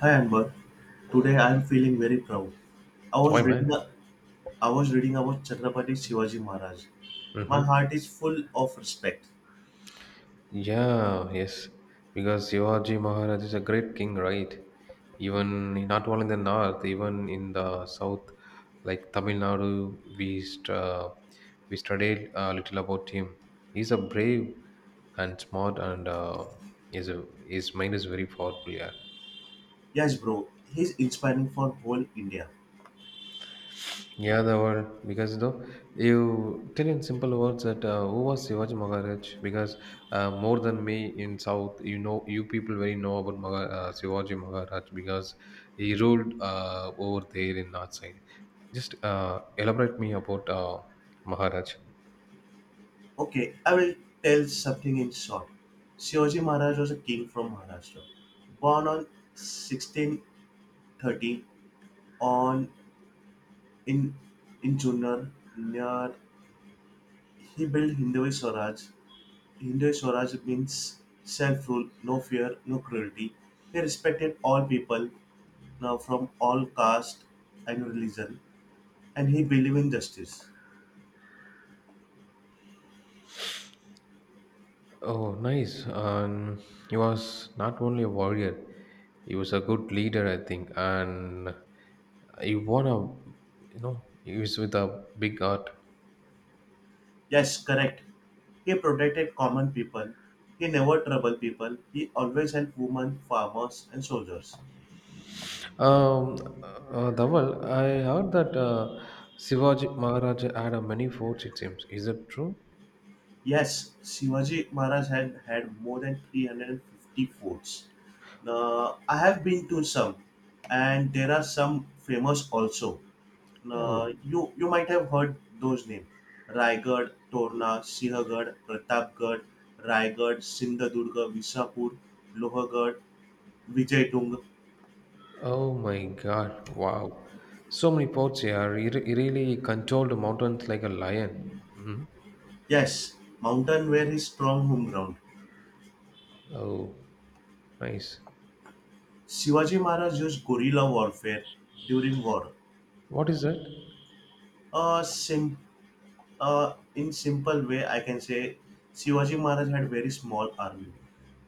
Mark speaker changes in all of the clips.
Speaker 1: Hi Amber, today I am feeling very proud. I was
Speaker 2: Why, man?
Speaker 1: reading a, I was reading about Chhatrapati Shivaji Maharaj. My
Speaker 2: Mm-hmm.
Speaker 1: heart is full of respect.
Speaker 2: Yeah, yes. Because Shivaji Maharaj is a great king, right? Even in- not only in the north, even in the south, like Tamil Nadu, we studied a little about him. He's a brave and smart, and his his mind is very powerful. Yeah.
Speaker 1: Yes, bro, he's inspiring for whole India.
Speaker 2: Yeah, the world, because though you tell in simple words that who was Shivaji Maharaj. Because more than me in South, you know, you people very know about Shivaji Maharaj because he ruled over there in North side. Just elaborate me about Maharaj.
Speaker 1: Okay, I will tell something in short. Shivaji Maharaj was a king from Maharashtra, born on 1630 on in in Junnर near. He built Hindu Swaraj. Hindu Swaraj means self rule, no fear, no cruelty. He respected all people now from all caste and religion, and he believed in justice.
Speaker 2: Oh, nice. And he was not only a warrior, he was a good leader, I think, and he won a, you know, he was with a big heart.
Speaker 1: Yes, correct. He protected common people. He never troubled people. He always helped women, farmers, and soldiers.
Speaker 2: Um, Dhaval, I heard that Shivaji Maharaj had many forts, it seems. Is it true?
Speaker 1: Yes, Shivaji Maharaj had more than 350 forts. Now, I have been to some, and there are some famous also. Uh,
Speaker 2: Oh,
Speaker 1: you you might have heard those names: Raigad, Torna, Sihagad, Pratapgarh, Raigad, Sindhudurg, Visapur, Lohagad, Vijaytung.
Speaker 2: oh my God. Wow. So many forts here. He really controlled the mountains like a lion. Mhm.
Speaker 1: Yes, mountain were his strong home ground.
Speaker 2: Oh, nice.
Speaker 1: Shivaji Maharaj used guerrilla warfare during war.
Speaker 2: What is that?
Speaker 1: A sim- in simple way, I can say Shivaji Maharaj had very small army,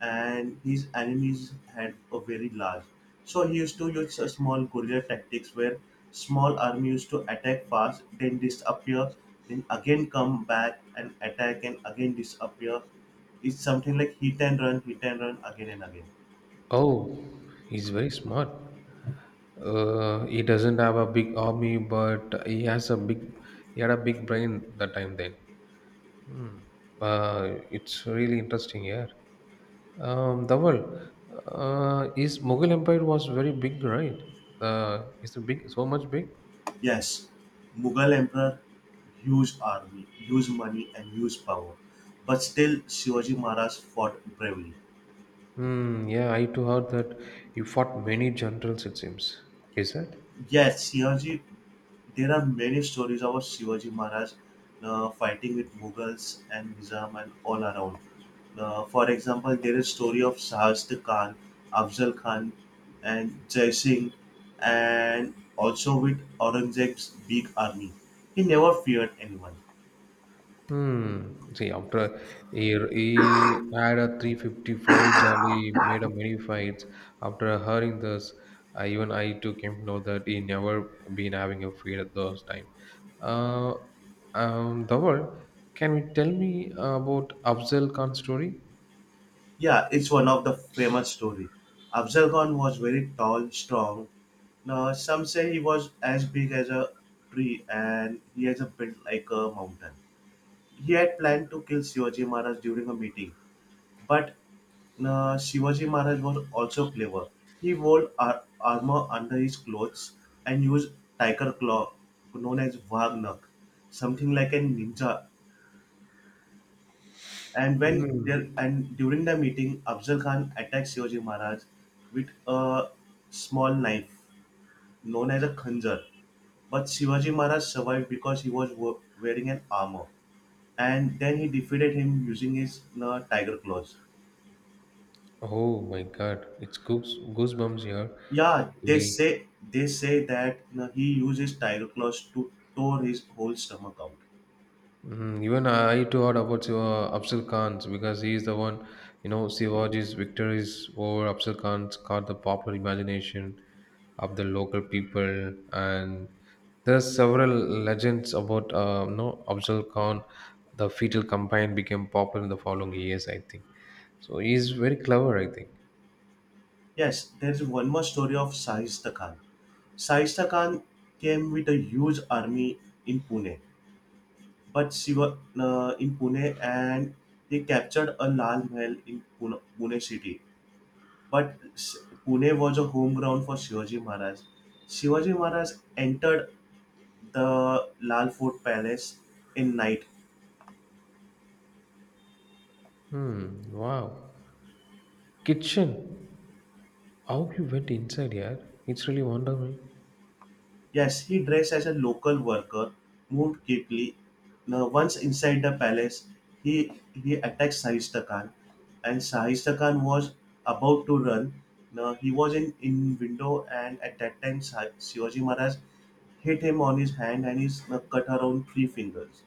Speaker 1: and his enemies had a very large. So he used to use a small guerrilla tactics where small army used to attack fast, then disappear, then again come back and attack and again disappear. It's something like hit and run again and again.
Speaker 2: Oh, he's very smart. He doesn't have a big army, but he has a big, he had a big brain that time then. It's really interesting here. Dawal, his Mughal Empire was very big, right? Is it big? So much big?
Speaker 1: Yes, Mughal emperor, huge army, huge money and huge power, but still Shivaji Maharaj fought bravely.
Speaker 2: Hmm. Yeah, I too heard that he fought many generals. It seems. Is that?
Speaker 1: Yes, Shivaji. There are many stories about Shivaji Maharaj fighting with Mughals and Nizam and all around. For example, there is story of Shahist Khan, Afzal Khan, and Jai Singh, and also with Aurangzeb's big army. He never feared anyone.
Speaker 2: Hmm. See, after he had a 350 forts and he made a many fights. After hearing this, even I too came to know that he never been having a fight at those time. Uh, Dawal, can you tell me about Afzal Khan's story?
Speaker 1: Yeah, it's one of the famous story. Afzal Khan was very tall, strong. Now, some say he was as big as a tree, and he has a built like a mountain. He had planned to kill Shivaji Maharaj during a meeting, but Shivaji Maharaj was also clever. He wore armor under his clothes and used tiger claw, known as Vagnak, something like a ninja. And when there
Speaker 2: Mm.
Speaker 1: and during the meeting, Afzal Khan attacked Shivaji Maharaj with a small knife known as a khanjar. But Shivaji Maharaj survived because he was wearing an armor. And then he defeated him using his tiger claws.
Speaker 2: Oh my God, it's goosebumps here.
Speaker 1: Yeah, they
Speaker 2: He,
Speaker 1: say they say that he uses Tyroclus to tore his whole stomach out.
Speaker 2: even I too heard about Shiva Afzal Khan's, because he is the one, you know, Shivaji's victories over Afzal Khan's caught the popular imagination of the local people, and there's several legends about, you know, Afzal Khan. The fetal campaign became popular in the following years, I think. So he's very clever, I think.
Speaker 1: Yes, there is one more story of Sahista Khan. Sahista Khan came with a huge army in Pune, but Shiva in Pune and they captured a Lal Mahal in Pune, Pune city. But Pune was a home ground for Shivaji Maharaj. Shivaji Maharaj entered the Lal Fort Palace in night.
Speaker 2: Hmm. Wow. Kitchen. How you went inside here? It's really wonder me.
Speaker 1: Yes, he dressed as a local worker, moved quickly. Now, once inside the palace, he attacked Sahista Khan, and Sahista Khan was about to run. Now, he was in window, and at that time, Shivaji Maharaj hit him on his hand and he cut around three fingers.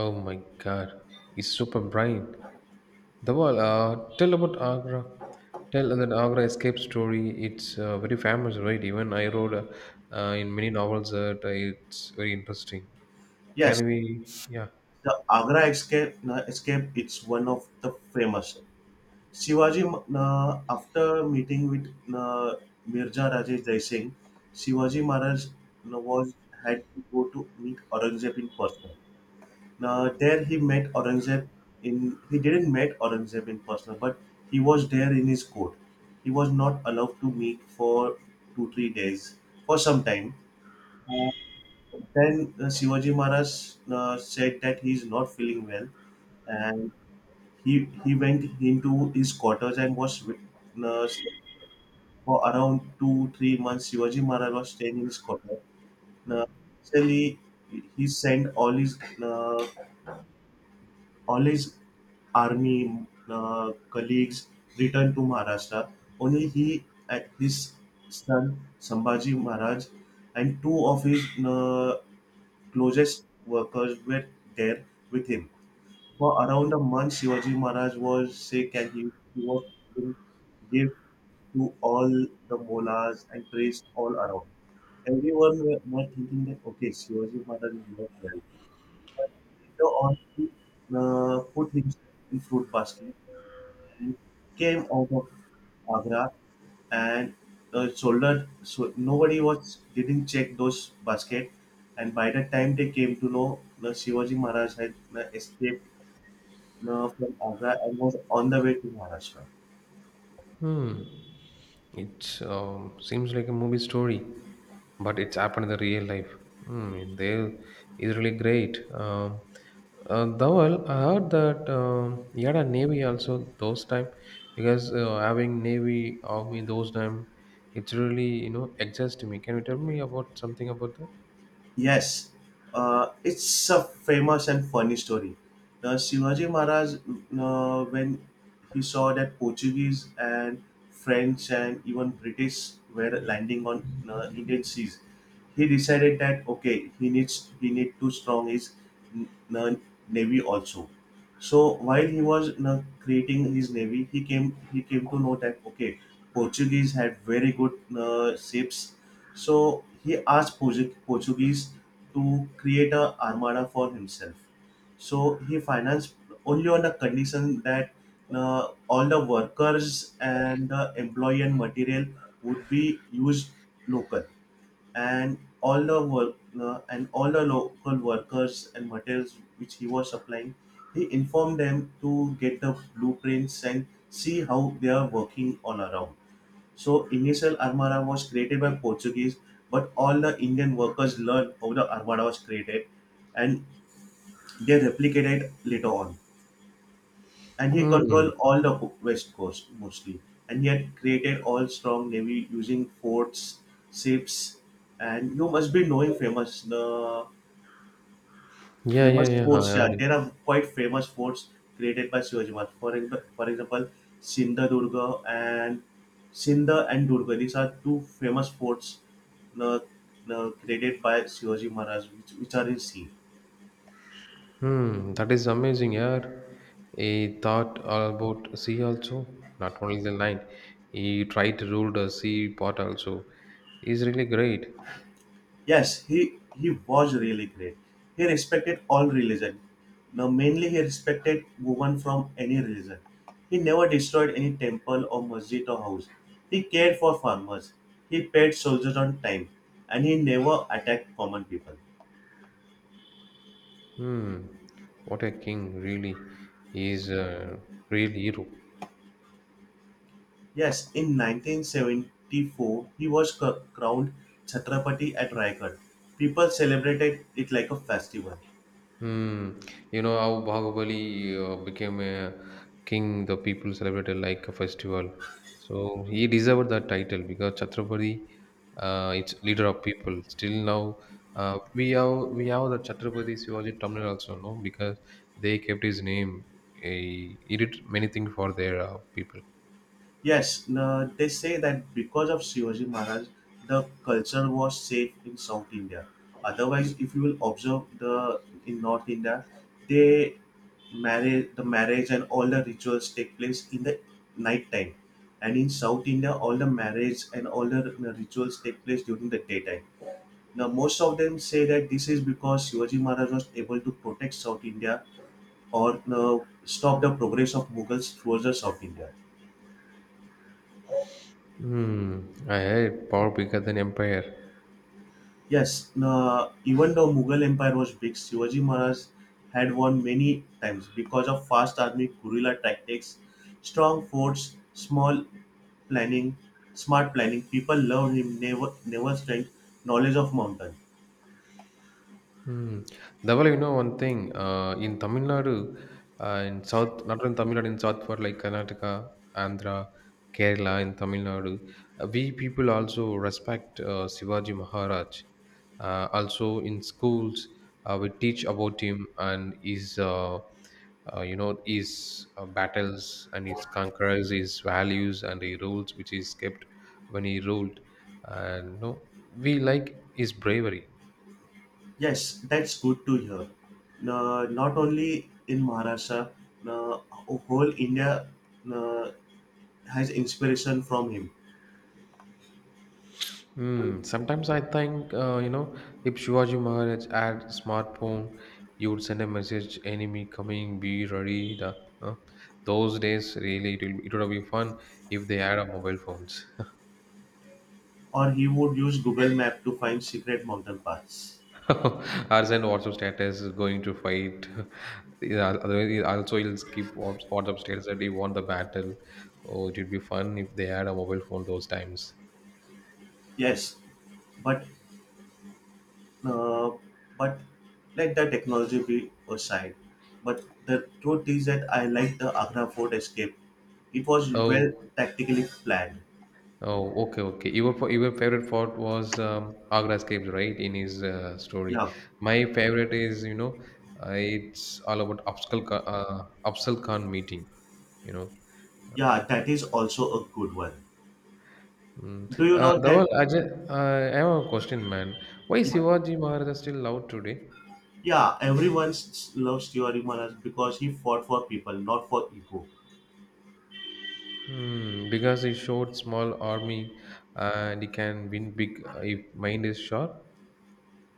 Speaker 2: Oh my god, it's super bright. The wall. Tell about Agra. Tell that Agra escape story. It's very famous, right? Even I wrote in many novels that it's very interesting.
Speaker 1: Yes,
Speaker 2: Can we? Yeah.
Speaker 1: the Agra escape, it's one of the famous. Shivaji, After meeting with uh, Mirza Rajesh Jai Singh, Shivaji Maharaj was had to go to meet Aurangzeb in person. Now, there he didn't met Aurangzeb in person, but he was there in his court. He was not allowed to meet for 2-3 days for some time. Uh, then Shivaji Maharaj said that he is not feeling well, and he went into his quarters and uh, for around 2-3 months. Shivaji Maharaj was staying in his quarters. Uh, Actually, he sent all his all his army colleagues returned to Maharashtra. Only he and his son Sambhaji Maharaj and two of his uh, closest workers were there with him. For around a month, Shivaji Maharaj was sick and he was giving gift to all the mollas and praised all around. Everyone were thinking that, okay, Shivaji Maharaj is not well. But later on, he put himself in fruit basket and came out of Agra and shouldered. So nobody was didn't check those basket. And by the time they came to know, the Shivaji Maharaj had escaped from Agra and was on the way to Maharashtra.
Speaker 2: Hmm. It seems like a movie story, but it's happened in the real life. Mm, they is really great. Dhawal, I heard that he had a navy also those time, because having navy army those time, it's really, you know, exhausting me. Can you tell me about something about that?
Speaker 1: Yes, it's a famous and funny story. Shivaji Maharaj, when he saw that Portuguese and French and even British were landing on Indian seas, he decided that okay, he need to strong his n- n- navy also. So while he was creating his navy, he came to know that okay, Portuguese had very good ships, so he asked Portuguese to create a armada for himself. So he financed only on the condition that all the workers and the employee and material would be used local, and all the work and all the local workers and materials which he was supplying, he informed them to get the blueprints and see how they are working all around. So initial armada was created by Portuguese, but all the Indian workers learned how the armada was created, and they replicated it later on. And he
Speaker 2: Hmm.
Speaker 1: controlled all the west coast mostly, and he had created all strong navy using forts, ships, and you must be knowing famous the
Speaker 2: Yeah, yeah,
Speaker 1: Famous
Speaker 2: yeah. I
Speaker 1: forts, yeah,
Speaker 2: heard it.
Speaker 1: there are quite famous forts created by Shivaji Maharaj. For example, Sindhudurga and Sindh and Durga. These are two famous forts uh, created by Shivaji Maharaj, which are in sea.
Speaker 2: Hmm, that is amazing, yeah. He thought all about sea also, not only the land. He tried to rule the sea part also. He's really great.
Speaker 1: Yes, he was really great. He respected all religion. Now mainly he respected women from any religion. He never destroyed any temple or masjid or house. He cared for farmers. He paid soldiers on time, and he never attacked common people.
Speaker 2: Hmm, what a king, really. He's a real hero.
Speaker 1: Yes, in 1974 he was crowned Chhatrapati at Raigad. People celebrated it like a festival.
Speaker 2: Hmm. You know how Bahubali became a king, the people celebrated like a festival. So he deserved that title, because Chhatrapati, it's leader of people. Still now, we have the Chhatrapati Shivaji terminal also, no? Because they kept his name. He did many things for their people.
Speaker 1: Yes, they say that because of Shivaji Maharaj, the culture was safe in South India. Otherwise, if you will observe the in North India, they marry the marriage and all the rituals take place in the night time, and in South India, all the marriage and all the rituals take place during the daytime. Now, most of them say that this is because Shivaji Maharaj was able to protect South India or stop the progress of Mughals towards the South India.
Speaker 2: Hmm. I had power bigger than empire.
Speaker 1: Yes, even though Mughal Empire was big, Shivaji Maharaj had won many times because of fast army guerrilla tactics, strong forts, planning, smart planning. People loved him, never strength, knowledge of mountain.
Speaker 2: Hmm. Double, you know one thing. In Tamil Nadu, in South, not in Tamil Nadu, in South part like Karnataka, Andhra, Kerala, in Tamil Nadu, we people also respect Shivaji Maharaj. Also in schools, we teach about him and you know, his battles and his conquerors, his values and the rules which he kept when he ruled. And no, we like his bravery.
Speaker 1: Yes, that's good to hear. Not only in Maharashtra, whole India uh, has inspiration from him.
Speaker 2: Hmm. Sometimes I think, you know, if Shivaji Maharaj had smartphone, you would send a message, enemy coming, be ready. Uh, those days, really, it would have been fun if they had a mobile phones.
Speaker 1: Or he would use Google Map to find secret mountain paths.
Speaker 2: Or send WhatsApp status, going to fight. Yeah, otherwise, it also, you'll skip WhatsApp status that you want the battle. Oh, it would be fun if they had a mobile phone those times.
Speaker 1: Yes, but Uh, but let the technology be aside. But the truth is that I like the Agra Fort escape. It was well
Speaker 2: Oh.
Speaker 1: tactically planned.
Speaker 2: Oh, okay, okay. Your favorite fort was Agra's caves, right? In his story,
Speaker 1: Yeah,
Speaker 2: my favorite is, you know, it's all about Absal Khan, Absal Khan meeting. You know,
Speaker 1: yeah, that is also a good one.
Speaker 2: mm.
Speaker 1: Do you know that?
Speaker 2: Dhaval, I have a question, man. Why
Speaker 1: Yeah,
Speaker 2: Shivaji Maharaj still loved today?
Speaker 1: yeah, everyone loves Theory Manas because he fought for people, not for ego.
Speaker 2: Hmm, because he showed small army and he can win big if mind is sharp.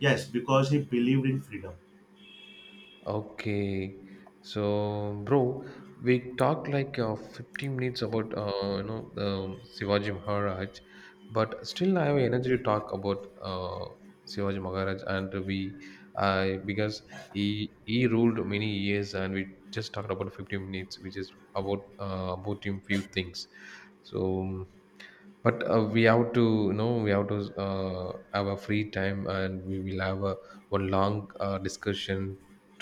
Speaker 1: Yes, because he believed in freedom.
Speaker 2: Okay, so bro, we talked like 15 minutes about you know, the Shivaji Maharaj, but still I have energy to talk about Shivaji Maharaj and I, because he ruled many years and we just talked about 15 minutes, which is about him few things. So but we have to, you know, we have to have a free time, and we will have a one long discussion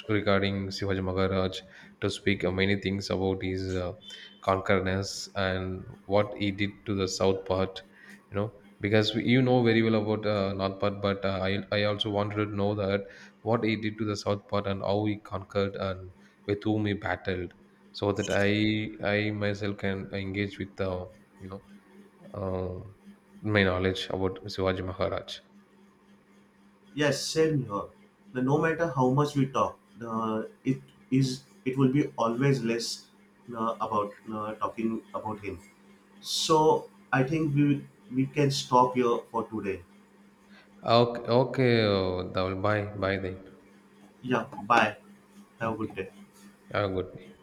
Speaker 2: regarding Shivaji Maharaj to speak many things about his conquerors and what he did to the south part, you know, because we- you know very well about north part, but I also wanted to know that what he did to the south part and how he conquered and with whom he battled, so that I myself can engage with the, you know, uh, my knowledge about Shivaji Maharaj.
Speaker 1: Yes, same here. No matter how much we talk, the, it is it will be always less about talking about him. So I think we can stop here for today.
Speaker 2: Ah, okay, okay, Dhaval. Bye, bye then.
Speaker 1: Yeah, bye. Have a good
Speaker 2: Okay,
Speaker 1: day.
Speaker 2: have a good day.